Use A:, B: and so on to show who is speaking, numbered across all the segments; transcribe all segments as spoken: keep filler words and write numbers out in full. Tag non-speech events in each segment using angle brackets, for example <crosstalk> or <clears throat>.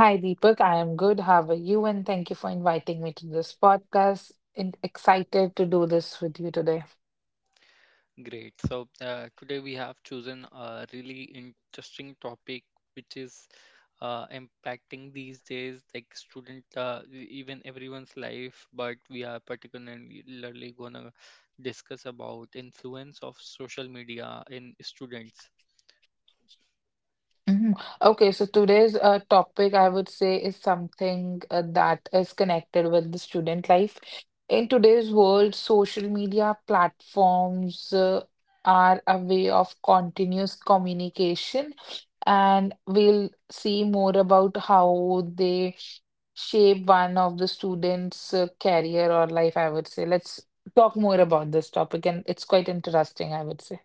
A: Hi, Deepak. I am good. How are you? And thank you for inviting me to this podcast. And excited to do this with you today. Mhm. Okay, so today's uh, topic, I would say, is something uh, that is connected with the student life. In today's world, social media platforms uh, are a way of continuous communication, and we'll see more about how they shape one of the students' uh, career or life, I would say. Let's talk more about this topic, and it's quite interesting, I would say.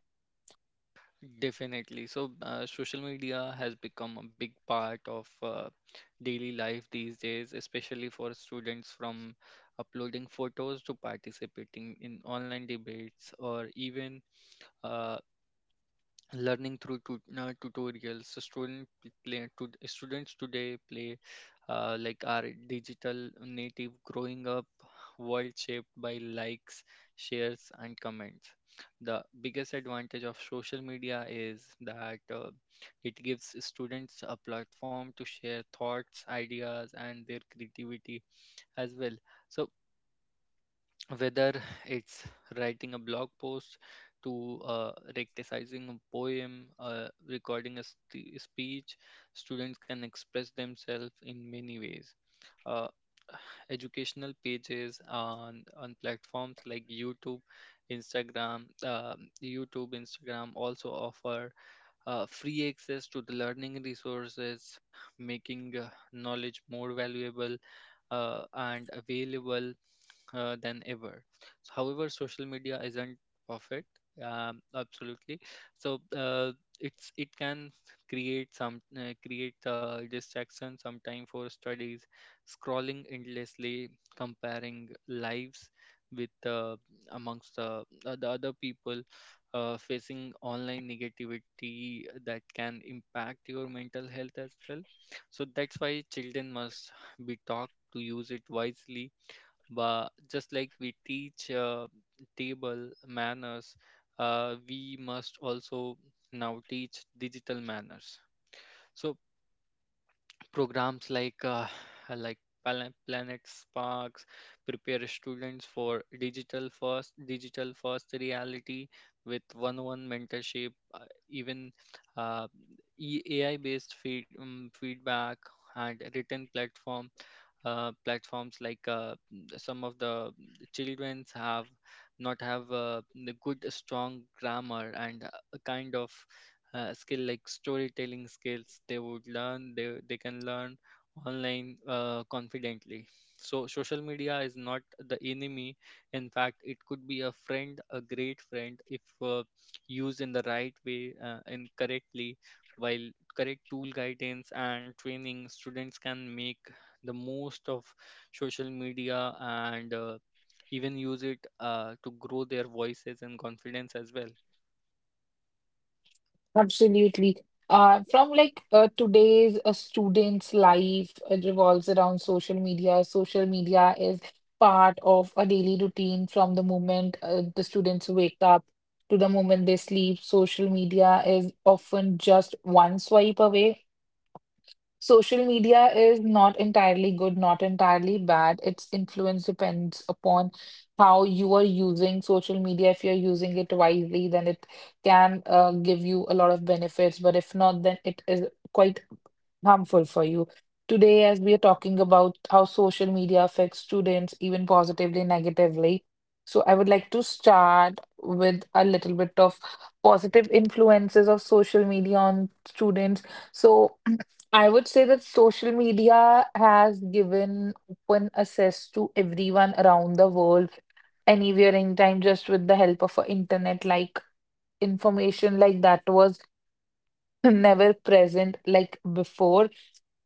A: Absolutely. Uh, from like uh, today's uh, students' life uh, revolves around social media. Social media is part of a daily routine from the moment uh, the students wake up to the moment they sleep. Social media is often just one swipe away. Social media is not entirely good, not entirely bad. Its influence depends upon how you are using social media. If you're using it wisely, then it can uh, give you a lot of benefits. But if not, then it is quite harmful for you. Today, as we are talking about how social media affects students, even positively, negatively. So, I would like to start with a little bit of positive influences of social media on students. So, <clears throat> I would say that social media has given open access to everyone around the world, anywhere, anytime, just with the help of a internet. Like information like that was <laughs> never present like before.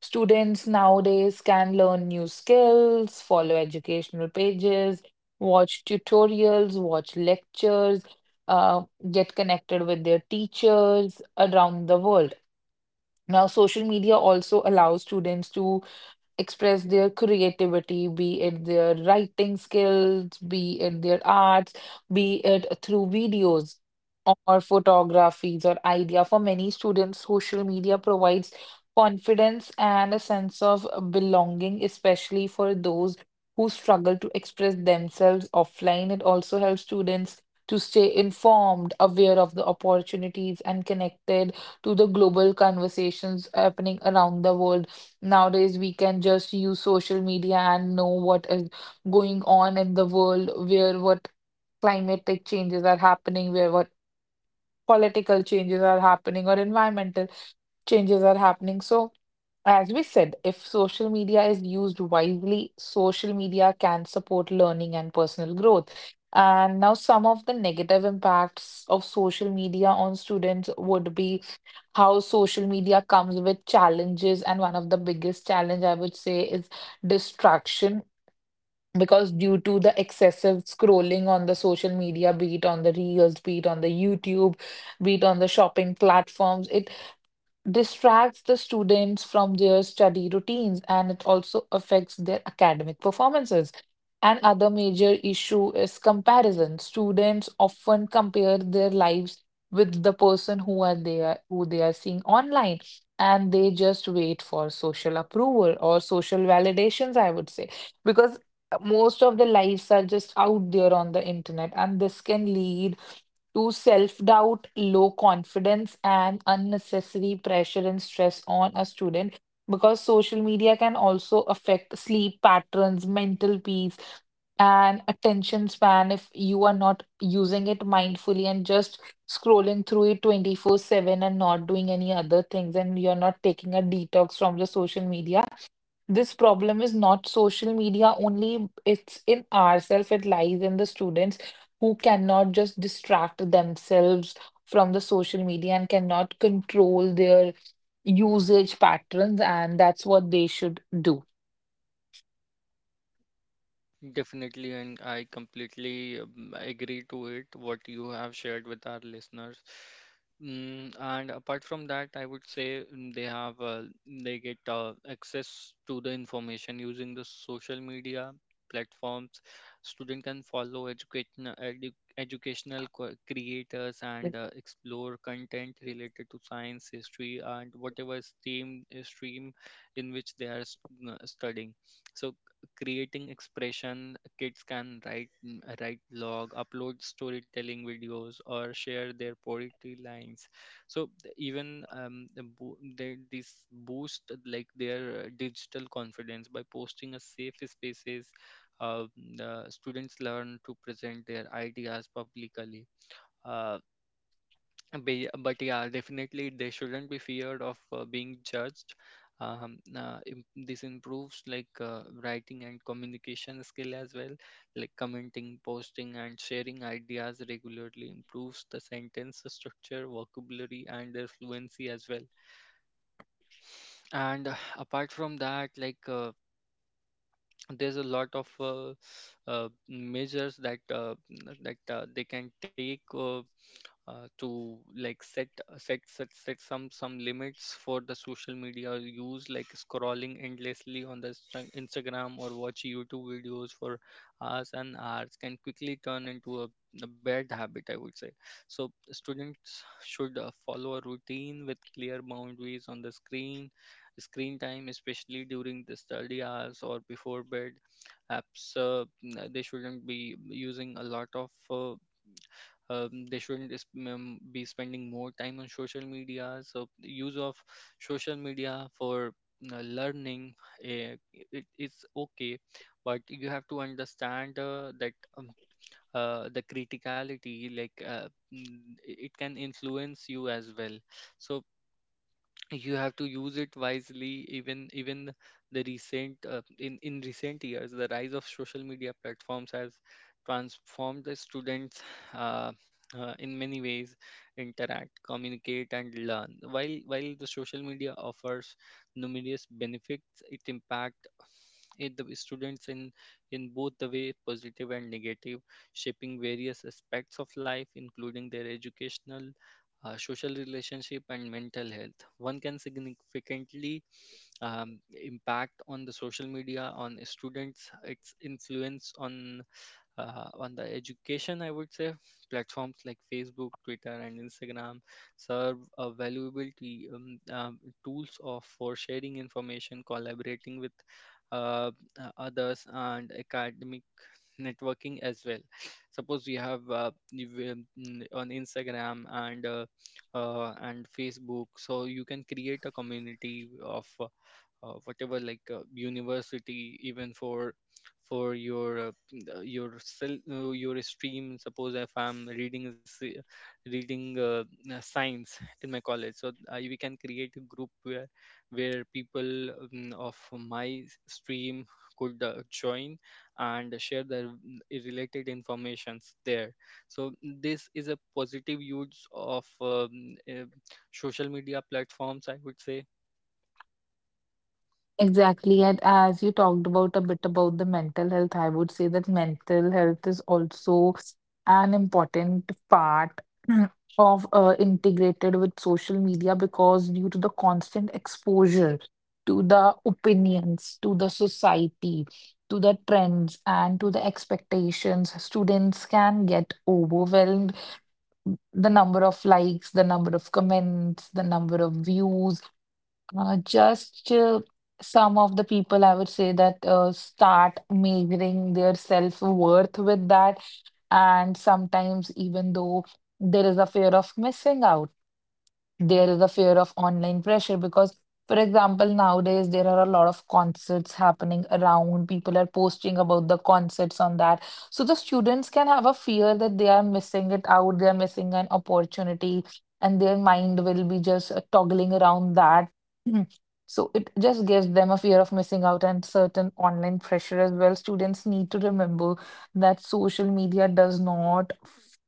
A: Students nowadays can learn new skills, follow educational pages, watch tutorials, watch lectures, uh, get connected with their teachers around the world. Now, social media also allows students to express their creativity, be it their writing skills, be it their arts, be it through videos or photographies or idea. For many students, social media provides confidence and a sense of belonging, especially for those who struggle to express themselves offline. It also helps students to stay informed, aware of the opportunities, and connected to the global conversations happening around the world. Nowadays, we can just use social media and know what is going on in the world, where what climatic changes are happening, where what political changes are happening, or environmental changes are happening. So, as we said, if social media is used wisely, social media can support learning and personal growth. And now, some of the negative impacts of social media on students would be how social media comes with challenges, and one of the biggest challenge, I would say, is distraction because due to the excessive scrolling on the social media, be it on the reels, be it on the YouTube, be it on the shopping platforms, it distracts the students from their study routines, and it also affects their academic performances. And other major issue is comparison. Students often compare their lives with the person who are they are, who they are seeing online, and they just wait for social approval or social validations, I would say, because most of the lives are just out there on the internet, and this can lead to self doubt, low confidence, and unnecessary pressure and stress on a student because social media can also affect sleep patterns, mental peace, and attention span if you are not using it mindfully and just scrolling through it twenty-four seven and not doing any other things, and you're not taking a detox from the social media. This problem is not social media only, it's in ourselves, it lies in the students who cannot just distract themselves from the social media and cannot control their usage patterns, and that's what they should do.
B: Definitely, and I completely um, agree to it, what you have shared with our listeners. Mm, and apart from that, I would say mm, they have uh, they get uh, access to the information using the social media platforms. Student can follow education, edu educational co- creators and uh, explore content related to science, history, and whatever stream stream in which they are s- uh, studying. So creating expression, kids can write mm, write log, upload storytelling videos, or share their poetry lines. So th- even um, the bo- they, this boost like their uh, digital confidence by posting a safe spaces. uh, the students learn to present their ideas publicly. Uh, be- but yeah, definitely they shouldn't be feared of uh, being judged. Um, uh, im- this improves like uh, writing and communication skill as well, like commenting, posting, and sharing ideas regularly improves the sentence structure, vocabulary, and their fluency as well. And uh, apart from that, like uh, there's a lot of uh, uh, measures that uh, n- that uh, they can take, uh, uh, to like set uh, set set set some some limits for the social media use. Like scrolling endlessly on the Insta- Instagram or watch YouTube videos for hours and hours can quickly turn into a, a bad habit, I would say. So students should uh, follow a routine with clear boundaries on the screen screen time, especially during the study hours or before bed. Apps uh, n- they shouldn't be using a lot of uh, um, they shouldn't is- um, be spending more time on social media. So the use of social media for uh, learning, uh, it is okay, but you have to understand uh, that um, uh, the criticality, like uh, mm, it can influence you as well. So you have to use it wisely. Even even the recent uh, in in recent years, the rise of social media platforms has transformed the students uh, uh, in many ways interact, communicate, and learn. While while the social media offers numerous benefits, its impact, it the students, in in both the way positive and negative, shaping various aspects of life including their educational, uh, social relationship, and mental health. One can significantly um, impact on the social media on students. Its influence on uh, on the education, I would say platforms like Facebook, Twitter, and Instagram serve a valuable t- um, um, tools of for sharing information, collaborating with uh, uh, others, and academic networking as well. Suppose you have uh, you will- mm, on Instagram and uh, uh, and Facebook, so you can create a community of uh, whatever, like uh, university, even for for your uh, uh, your cell, uh, your stream. Suppose if I'm reading a s- reading uh, uh, science in my college, so I, we can create a group where where people um, of my s- stream could uh, join and share their mm, related informations there. So this is a positive use of um, uh, social media platforms, I would say.
A: Exactly. And as you talked about a bit about the mental health, I would say that mental health is also an important part <clears throat> of uh, integrated with social media because due to the constant exposure to the opinions, to the society, to the trends, and to the expectations, students can get overwhelmed. The number of likes, the number of comments, the number of views, uh, just uh, some of the people, I would say that uh, start measuring their self-worth with that. And sometimes, even though there is a fear of missing out, there is a fear of online pressure because, for example, nowadays there are a lot of concerts happening around, people are posting about the concerts on that, so the students can have a fear that they are missing it out, they are missing an opportunity, and their mind will be just uh, toggling around that. <clears throat> So it just gives them a fear of missing out and certain online pressure as well. Students need to remember that social media does not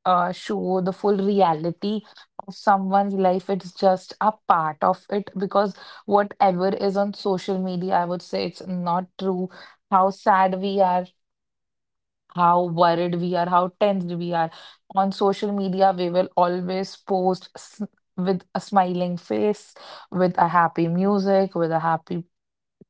A: uh, show the full reality of someone's life, it's just a part of it, because whatever is on social media, I would say, it's not true. How sad we are, how worried we are, how tensed we are, on social media we will always post s- with a smiling face, with a happy music, with a happy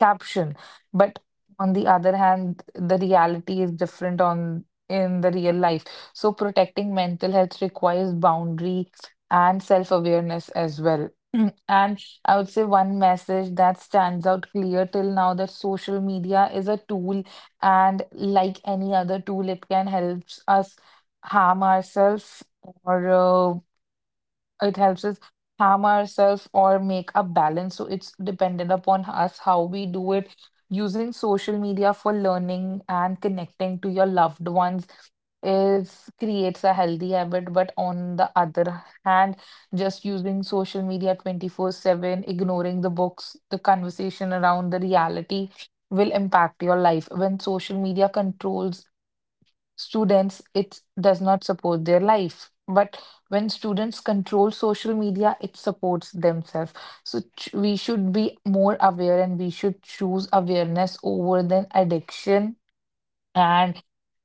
A: caption. But on the other hand, the reality is different on in the real life. So protecting mental health requires boundary and self-awareness as well. <clears throat> And I would say one message that stands out clear till now, that social media is a tool, and like any other tool, it can help us harm ourselves or uh, it helps us harm ourselves or make a balance. So it's dependent upon us how we do it. Using social media for learning and connecting to your loved ones is creates a healthy habit, but on the other hand, just using social media twenty-four seven, ignoring the books, the conversation around the reality, will impact your life. When social media controls students, it does not support their life, but when students control social media, it supports themselves. So ch- we should be more aware, and we should choose awareness over than addiction. And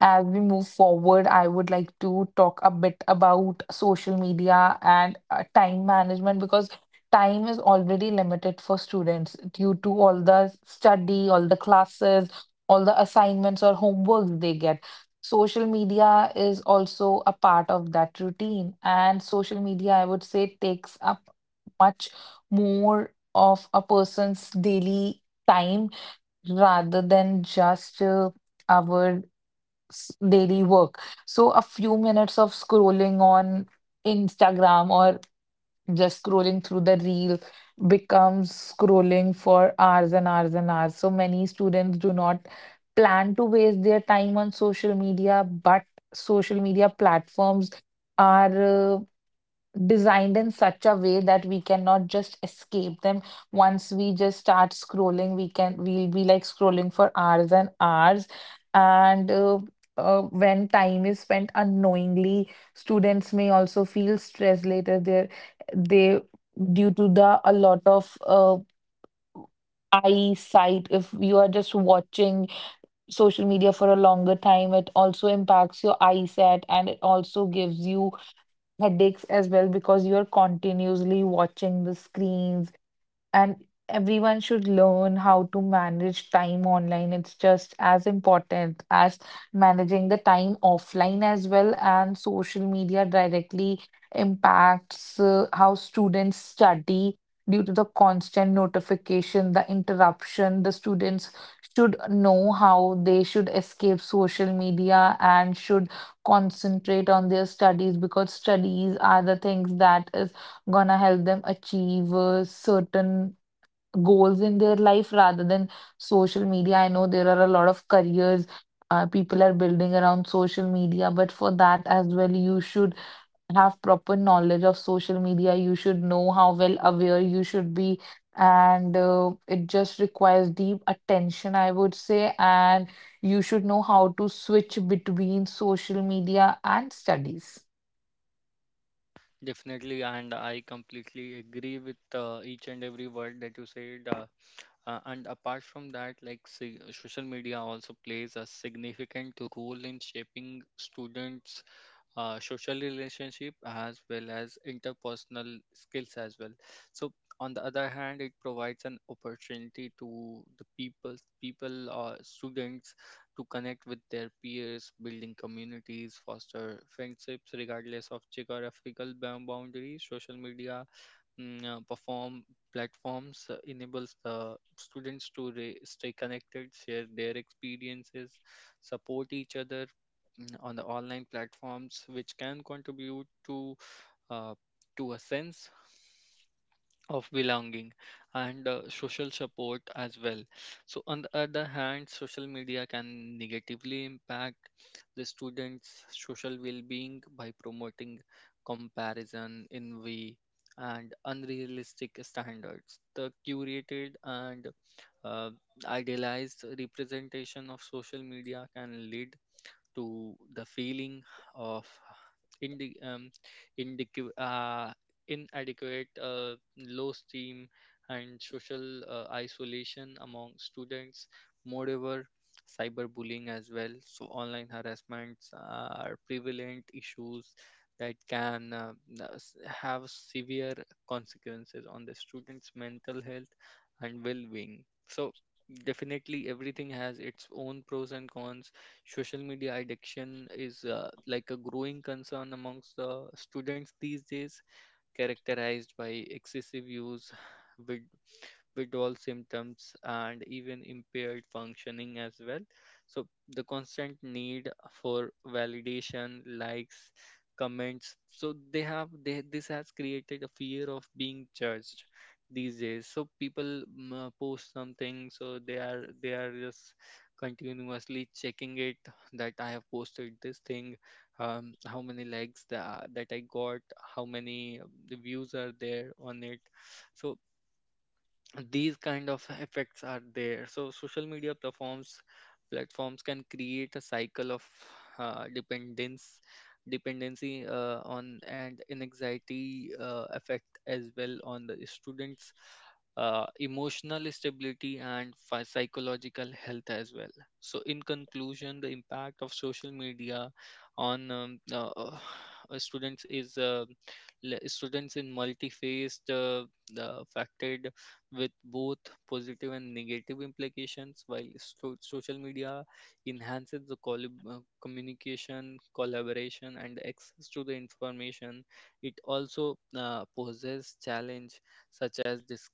A: as we move forward, I would like to talk a bit about social media and uh, time management because time is already limited for students due to all the study, all the classes, all the assignments or homework they get. Social media is also a part of that routine, and social media, I would say, takes up much more of a person's daily time rather than just uh, our s- daily work. So a few minutes of scrolling on Instagram or just scrolling through the reel becomes scrolling for hours and hours and hours. So many students do not plan to waste their time on social media, but social media platforms are uh, designed in such a way that we cannot just escape them. Once we just start scrolling, we can we'll be like scrolling for hours and hours. And uh, uh, When time is spent unknowingly, students may also feel stress later. Their they due to the a lot of uh, eyesight, if you are just watching social media for a longer time, it also impacts your eyesight, and it also gives you headaches as well because you are continuously watching the screens. And everyone should learn how to manage time online. It's just as important as managing the time offline as well. And social media directly impacts uh, how students study due to the constant notification, the interruption. The students should know how they should escape social media and should concentrate on their studies, because studies are the things that is gonna help them achieve uh, certain goals in their life rather than social media. I know there are a lot of careers uh, people are building around social media, but for that as well, you should have proper knowledge of social media. You should know how well aware you should be. And uh, it just requires deep attention, I would say. And you should know how to switch between social media and studies.
B: Definitely, and I completely agree with uh, each and every word that you said. Uh, uh, and apart from that, like say, social media also plays a significant role in shaping students' uh, social relationship as well as interpersonal skills as well. So on the other hand, it provides an opportunity to the people, people or students, to connect with their peers, building communities, foster friendships regardless of geographical bound- boundaries. Social media mm, uh, perform platforms uh, enables the students to re- stay connected, share their experiences, support each other mm, on the online platforms, which can contribute to uh, to a sense of belonging and uh, social support as well. So, on the other hand, social media can negatively impact the students' social well being by promoting comparison, envy, and unrealistic standards. The curated and uh, idealized representation of social media can lead to the feeling of indi- um, indicu- uh, inadequate, uh, low esteem, and social uh, isolation among students. Moreover, cyberbullying as well. So, online harassments are prevalent issues that can uh, s- have severe consequences on the students' mental health and well being. So, definitely everything has its own pros and cons. Social media addiction is uh, like a growing concern amongst the students these days, characterized by excessive use, <sighs> vid- withdrawal symptoms, and even impaired functioning as well. So, the constant need for validation, likes, comments. So, they have they, this has created a fear of being judged these days. So, people mm, uh, post something, so they are they are just continuously checking it, that I have posted this thing, um, how many likes that that I got, how many um, the views are there on it. So these kind of effects are there, so social media platforms platforms can create a cycle of uh, dependence dependency, uh, on and an anxiety uh, effect as well on the students, uh, emotional stability and phy- psychological health as well. So in conclusion, the impact of social media on um, uh, uh, uh, students is uh, le- students in multi-faced uh, uh, affected with both positive and negative implications. While so- social media enhances the collab- uh, communication, collaboration, and access to the information, it also uh, poses challenge such as this,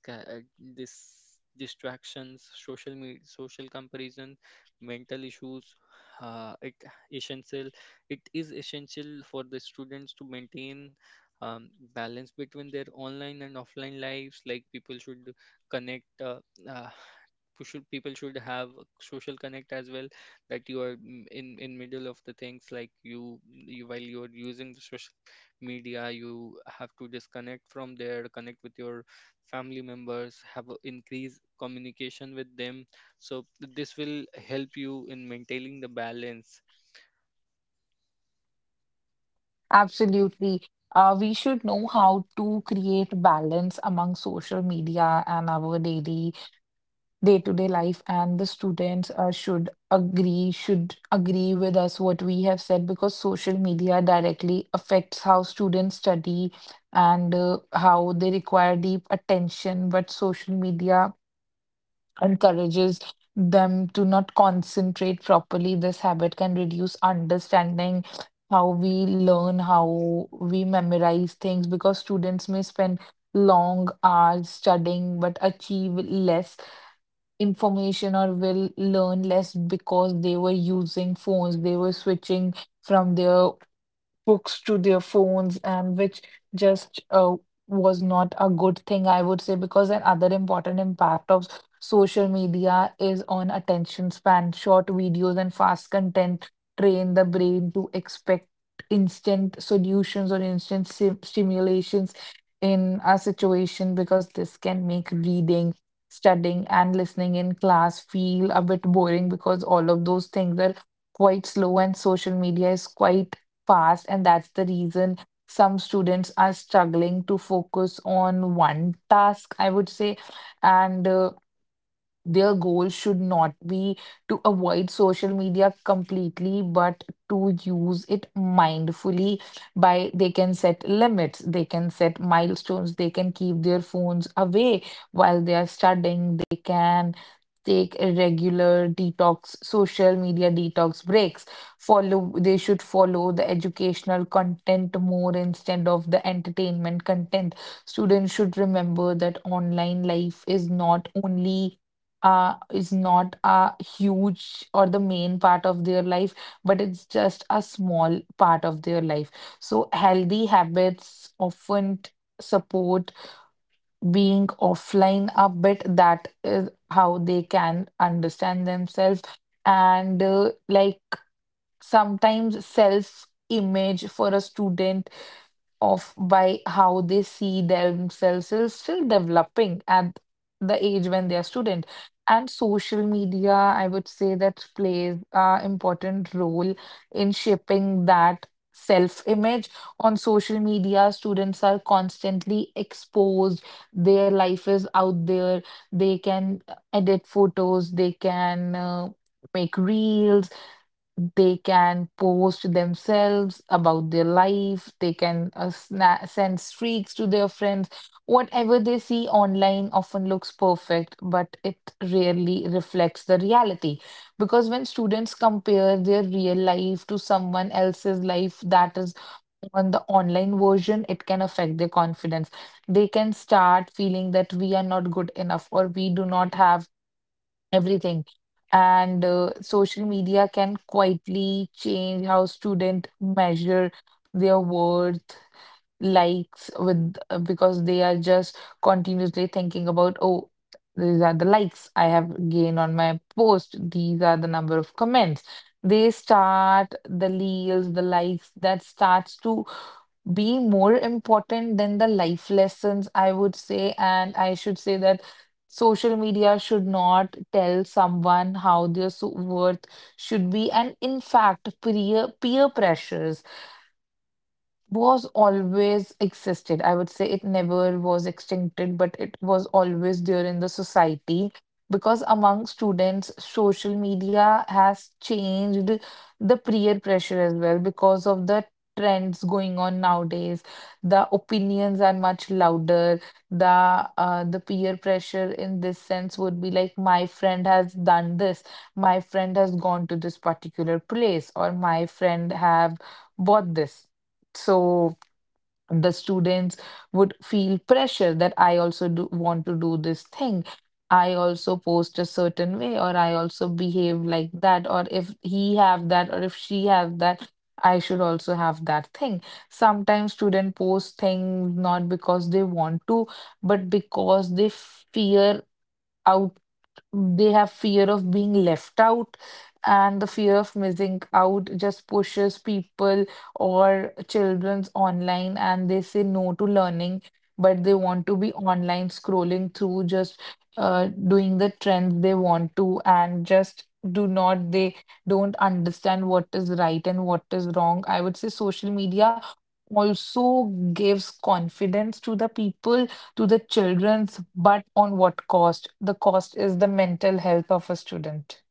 B: this distractions, social media, social comparison, mental issues. Uh, it essential. It is essential for the students to maintain um, balance between their online and offline lives, like people should connect uh, uh, who should people should have a social connect as well, that you are mm, in in middle of the things. Like you, you while you are using the social media, you have to disconnect from there, connect with your family members, have a increased communication with them. So th- this will help you in maintaining the balance.
A: Absolutely. Uh, we should know how to create balance among social media and our daily day-to-day life. And the students uh, should agree, should agree with us what we have said because social media directly affects how students study and uh, how they require deep attention. But social media encourages them to not concentrate properly. This habit can reduce understanding, how we learn, how we memorize things, because students may spend long hours studying but achieve less information or will learn less because they were using phones, they were switching from their books to their phones, and which just uh, was not a good thing, I would say, because another important impact of social media is on attention span. Short videos and fast content train the brain to expect instant solutions or instant sim- stimulations in a situation, because this can make reading, studying, and listening in class feel a bit boring because all of those things are quite slow and social media is quite fast, and that's the reason some students are struggling to focus on one task, I would say. And uh, Their goal should not be to avoid social media completely, but to use it mindfully by they can set limits, they can set milestones, they can keep their phones away while they are studying, they can take regular detox, social media detox breaks. Follow, they should follow the educational content more instead of the entertainment content. Students should remember that online life is not only uh, is not a huge or the main part of their life, but it's just a small part of their life. So, healthy habits often t- support being offline a bit. That is how they can understand themselves. And uh, like sometimes self image for a student off by how they see themselves is still developing at the age when they are student. And social media, I would say that plays a important role in shaping that self-image. On social media, students are constantly exposed. Their life is out there. They can edit photos. They can uh, make reels, they can post themselves about their life, they can uh, sna- send streaks to their friends. Whatever they see online often looks perfect, but it rarely reflects the reality, because when students compare their real life to someone else's life that is on the online version, it can affect their confidence. They can start feeling that we are not good enough or we do not have everything. And uh, Social media can quietly change how students measure their worth, likes with uh, because they are just continuously thinking about, oh, these are the likes I have gained on my post. These are the number of comments. They start the reels, the likes that starts to be more important than the life lessons, I would say. And I should say that social media should not tell someone how their so- worth should be. And in fact, peer, peer pressures was always existed. I would say it never was extincted, but it was always there in the society, because among students, social media has changed the peer pressure as well because of the trends going on nowadays. The opinions are much louder. The uh, the peer pressure in this sense would be like my friend has done this, my friend has gone to this particular place, or my friend have bought this, so the students would feel pressure that I also do want to do this thing. I also post a certain way, or I also behave like that, or if he have that, or if she have that, I should also have that thing. Sometimes student post things not because they want to, but because they fear, they have fear of being left out, and the fear of missing out just pushes people or children's online, and they say no to learning, but they want to be online scrolling through, just uh, doing the trends they want to, and just do not, they don't understand what is right and what is wrong. I would say social media also gives confidence to the people, to the children's, but on what cost? The cost is the mental health of a student.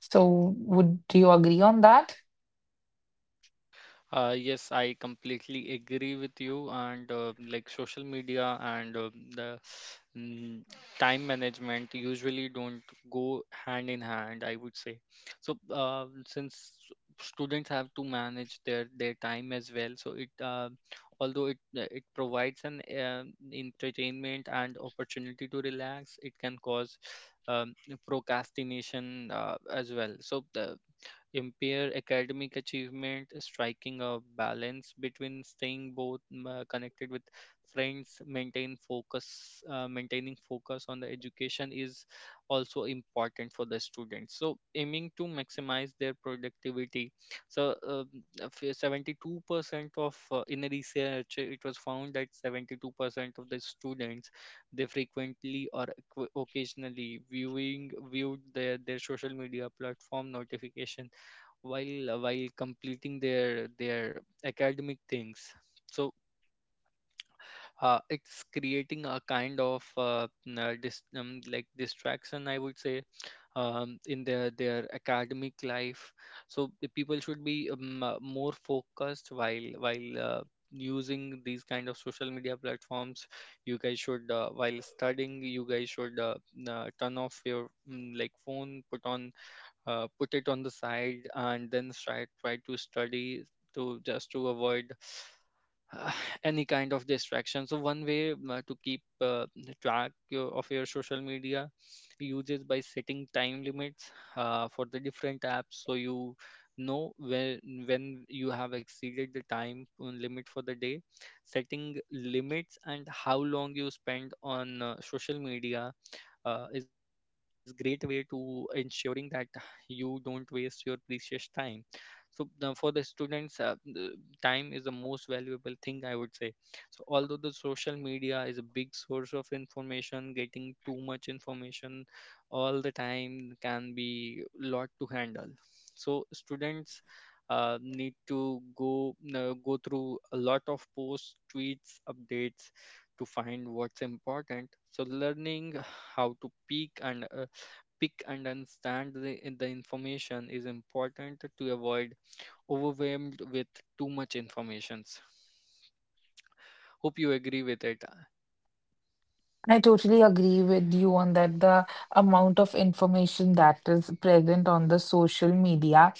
A: So, would you agree on that?
B: Uh, yes, I completely agree with you. And uh, like social media and uh, the mm, time management usually don't go hand in hand, I would say. So uh, since students have to manage their their time as well, so it uh, although it uh, it provides an uh, entertainment and opportunity to relax, it can cause um, procrastination uh, as well. So the impair academic achievement, striking a balance between staying both mm, uh, connected with friends, maintain focus, uh, maintaining focus on the education is also important for the students. So aiming to maximize their productivity. So um, seventy-two percent of uh, in a research, it was found that seventy-two percent of the students, they frequently or occ- occasionally viewing viewed their, their social media platform notification while uh, while completing their their academic things. So uh, it's creating a kind of uh, n- uh, dis, um, like distraction, I would say, um, in their their academic life. So the people should be um, uh, more focused while while uh, using these kind of social media platforms. You guys should uh, while studying, you guys should uh, n- uh, turn off your mm, like phone, put on uh, put it on the side and then try try to study, to just to avoid uh, <sighs> any kind of distraction. So one way uh, to keep uh, track your, of your social media uses by setting time limits uh, for the different apps, so you know when when you have exceeded the time uh, limit for the day. Setting limits and how long you spend on uh, social media uh, is great way to ensuring that you don't waste your precious time. So the, for the students, uh, the time is the most valuable thing, I would say. So although the social media is a big source of information, getting too much information all the time can be lot to handle. So students uh, need to go uh, go through a lot of posts, tweets, updates to find what's important. So learning how to pick and uh, pick and understand the, the information is important to avoid overwhelmed with too much informations. Hope you agree with it.
A: I totally agree with you on that. The amount of information that is present on the social media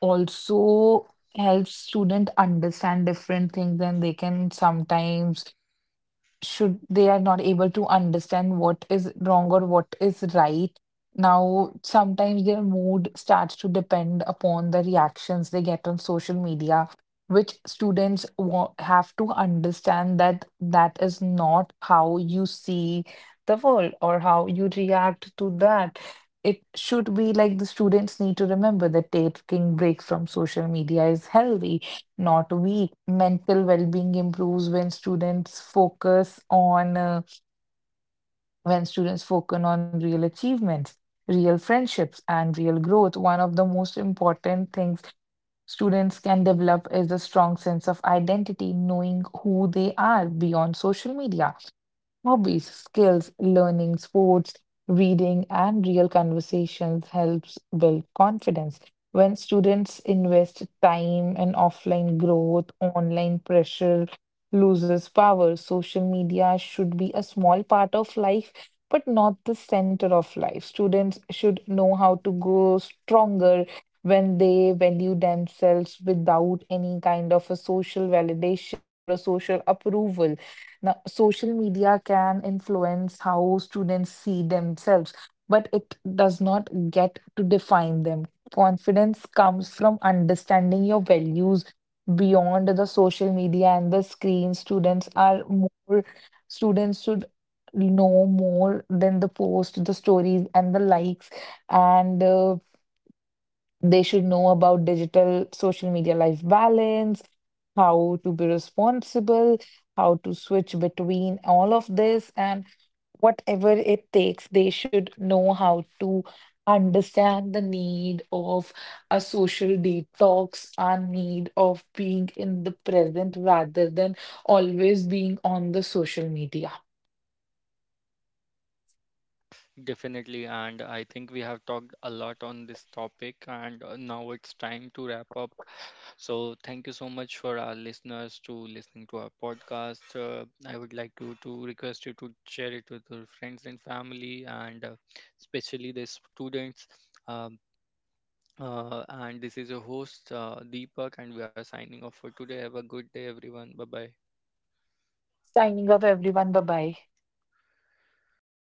A: also helps student understand different things, and they can sometimes should they are not able to understand what is wrong or what is right. Now, sometimes their mood starts to depend upon the reactions they get on social media, which students wa- have to understand that that is not how you see the world or how you react to that. It should be like the students need to remember that taking breaks from social media is healthy, not weak. Mental well-being improves when students focus on uh, when students focus on real achievements, real friendships, and real growth. One of the most important things students can develop is a strong sense of identity, knowing who they are beyond social media. Hobbies, skills, learning, sports, reading, and real conversations helps build confidence. When students invest time in offline growth, online pressure loses power. Social media should be a small part of life, but not the center of life. Students should know how to grow stronger when they value themselves without any kind of a social validation or a social approval. Now, social media can influence how students see themselves, but it does not get to define them. Confidence comes from understanding your values beyond the social media and the screen. Students are more, students should know more than the post, the stories, and the likes. And uh, They should know about digital social media life balance, how to be responsible, how to switch between all of this, and whatever it takes, they should know how to understand the need of a social detox, our need of being in the present rather than always being on the social media.
B: Definitely, and I think we have talked a lot on this topic, and uh, now it's time to wrap up. So, thank you so much for our listeners to listening to our podcast. Uh, I would like you to request you to share it with your friends and family, and uh, especially the students. Um, uh, and this is your host, uh, Deepak, and we are signing off for today. Have a good day, everyone. Bye bye.
A: Signing off, everyone. Bye bye.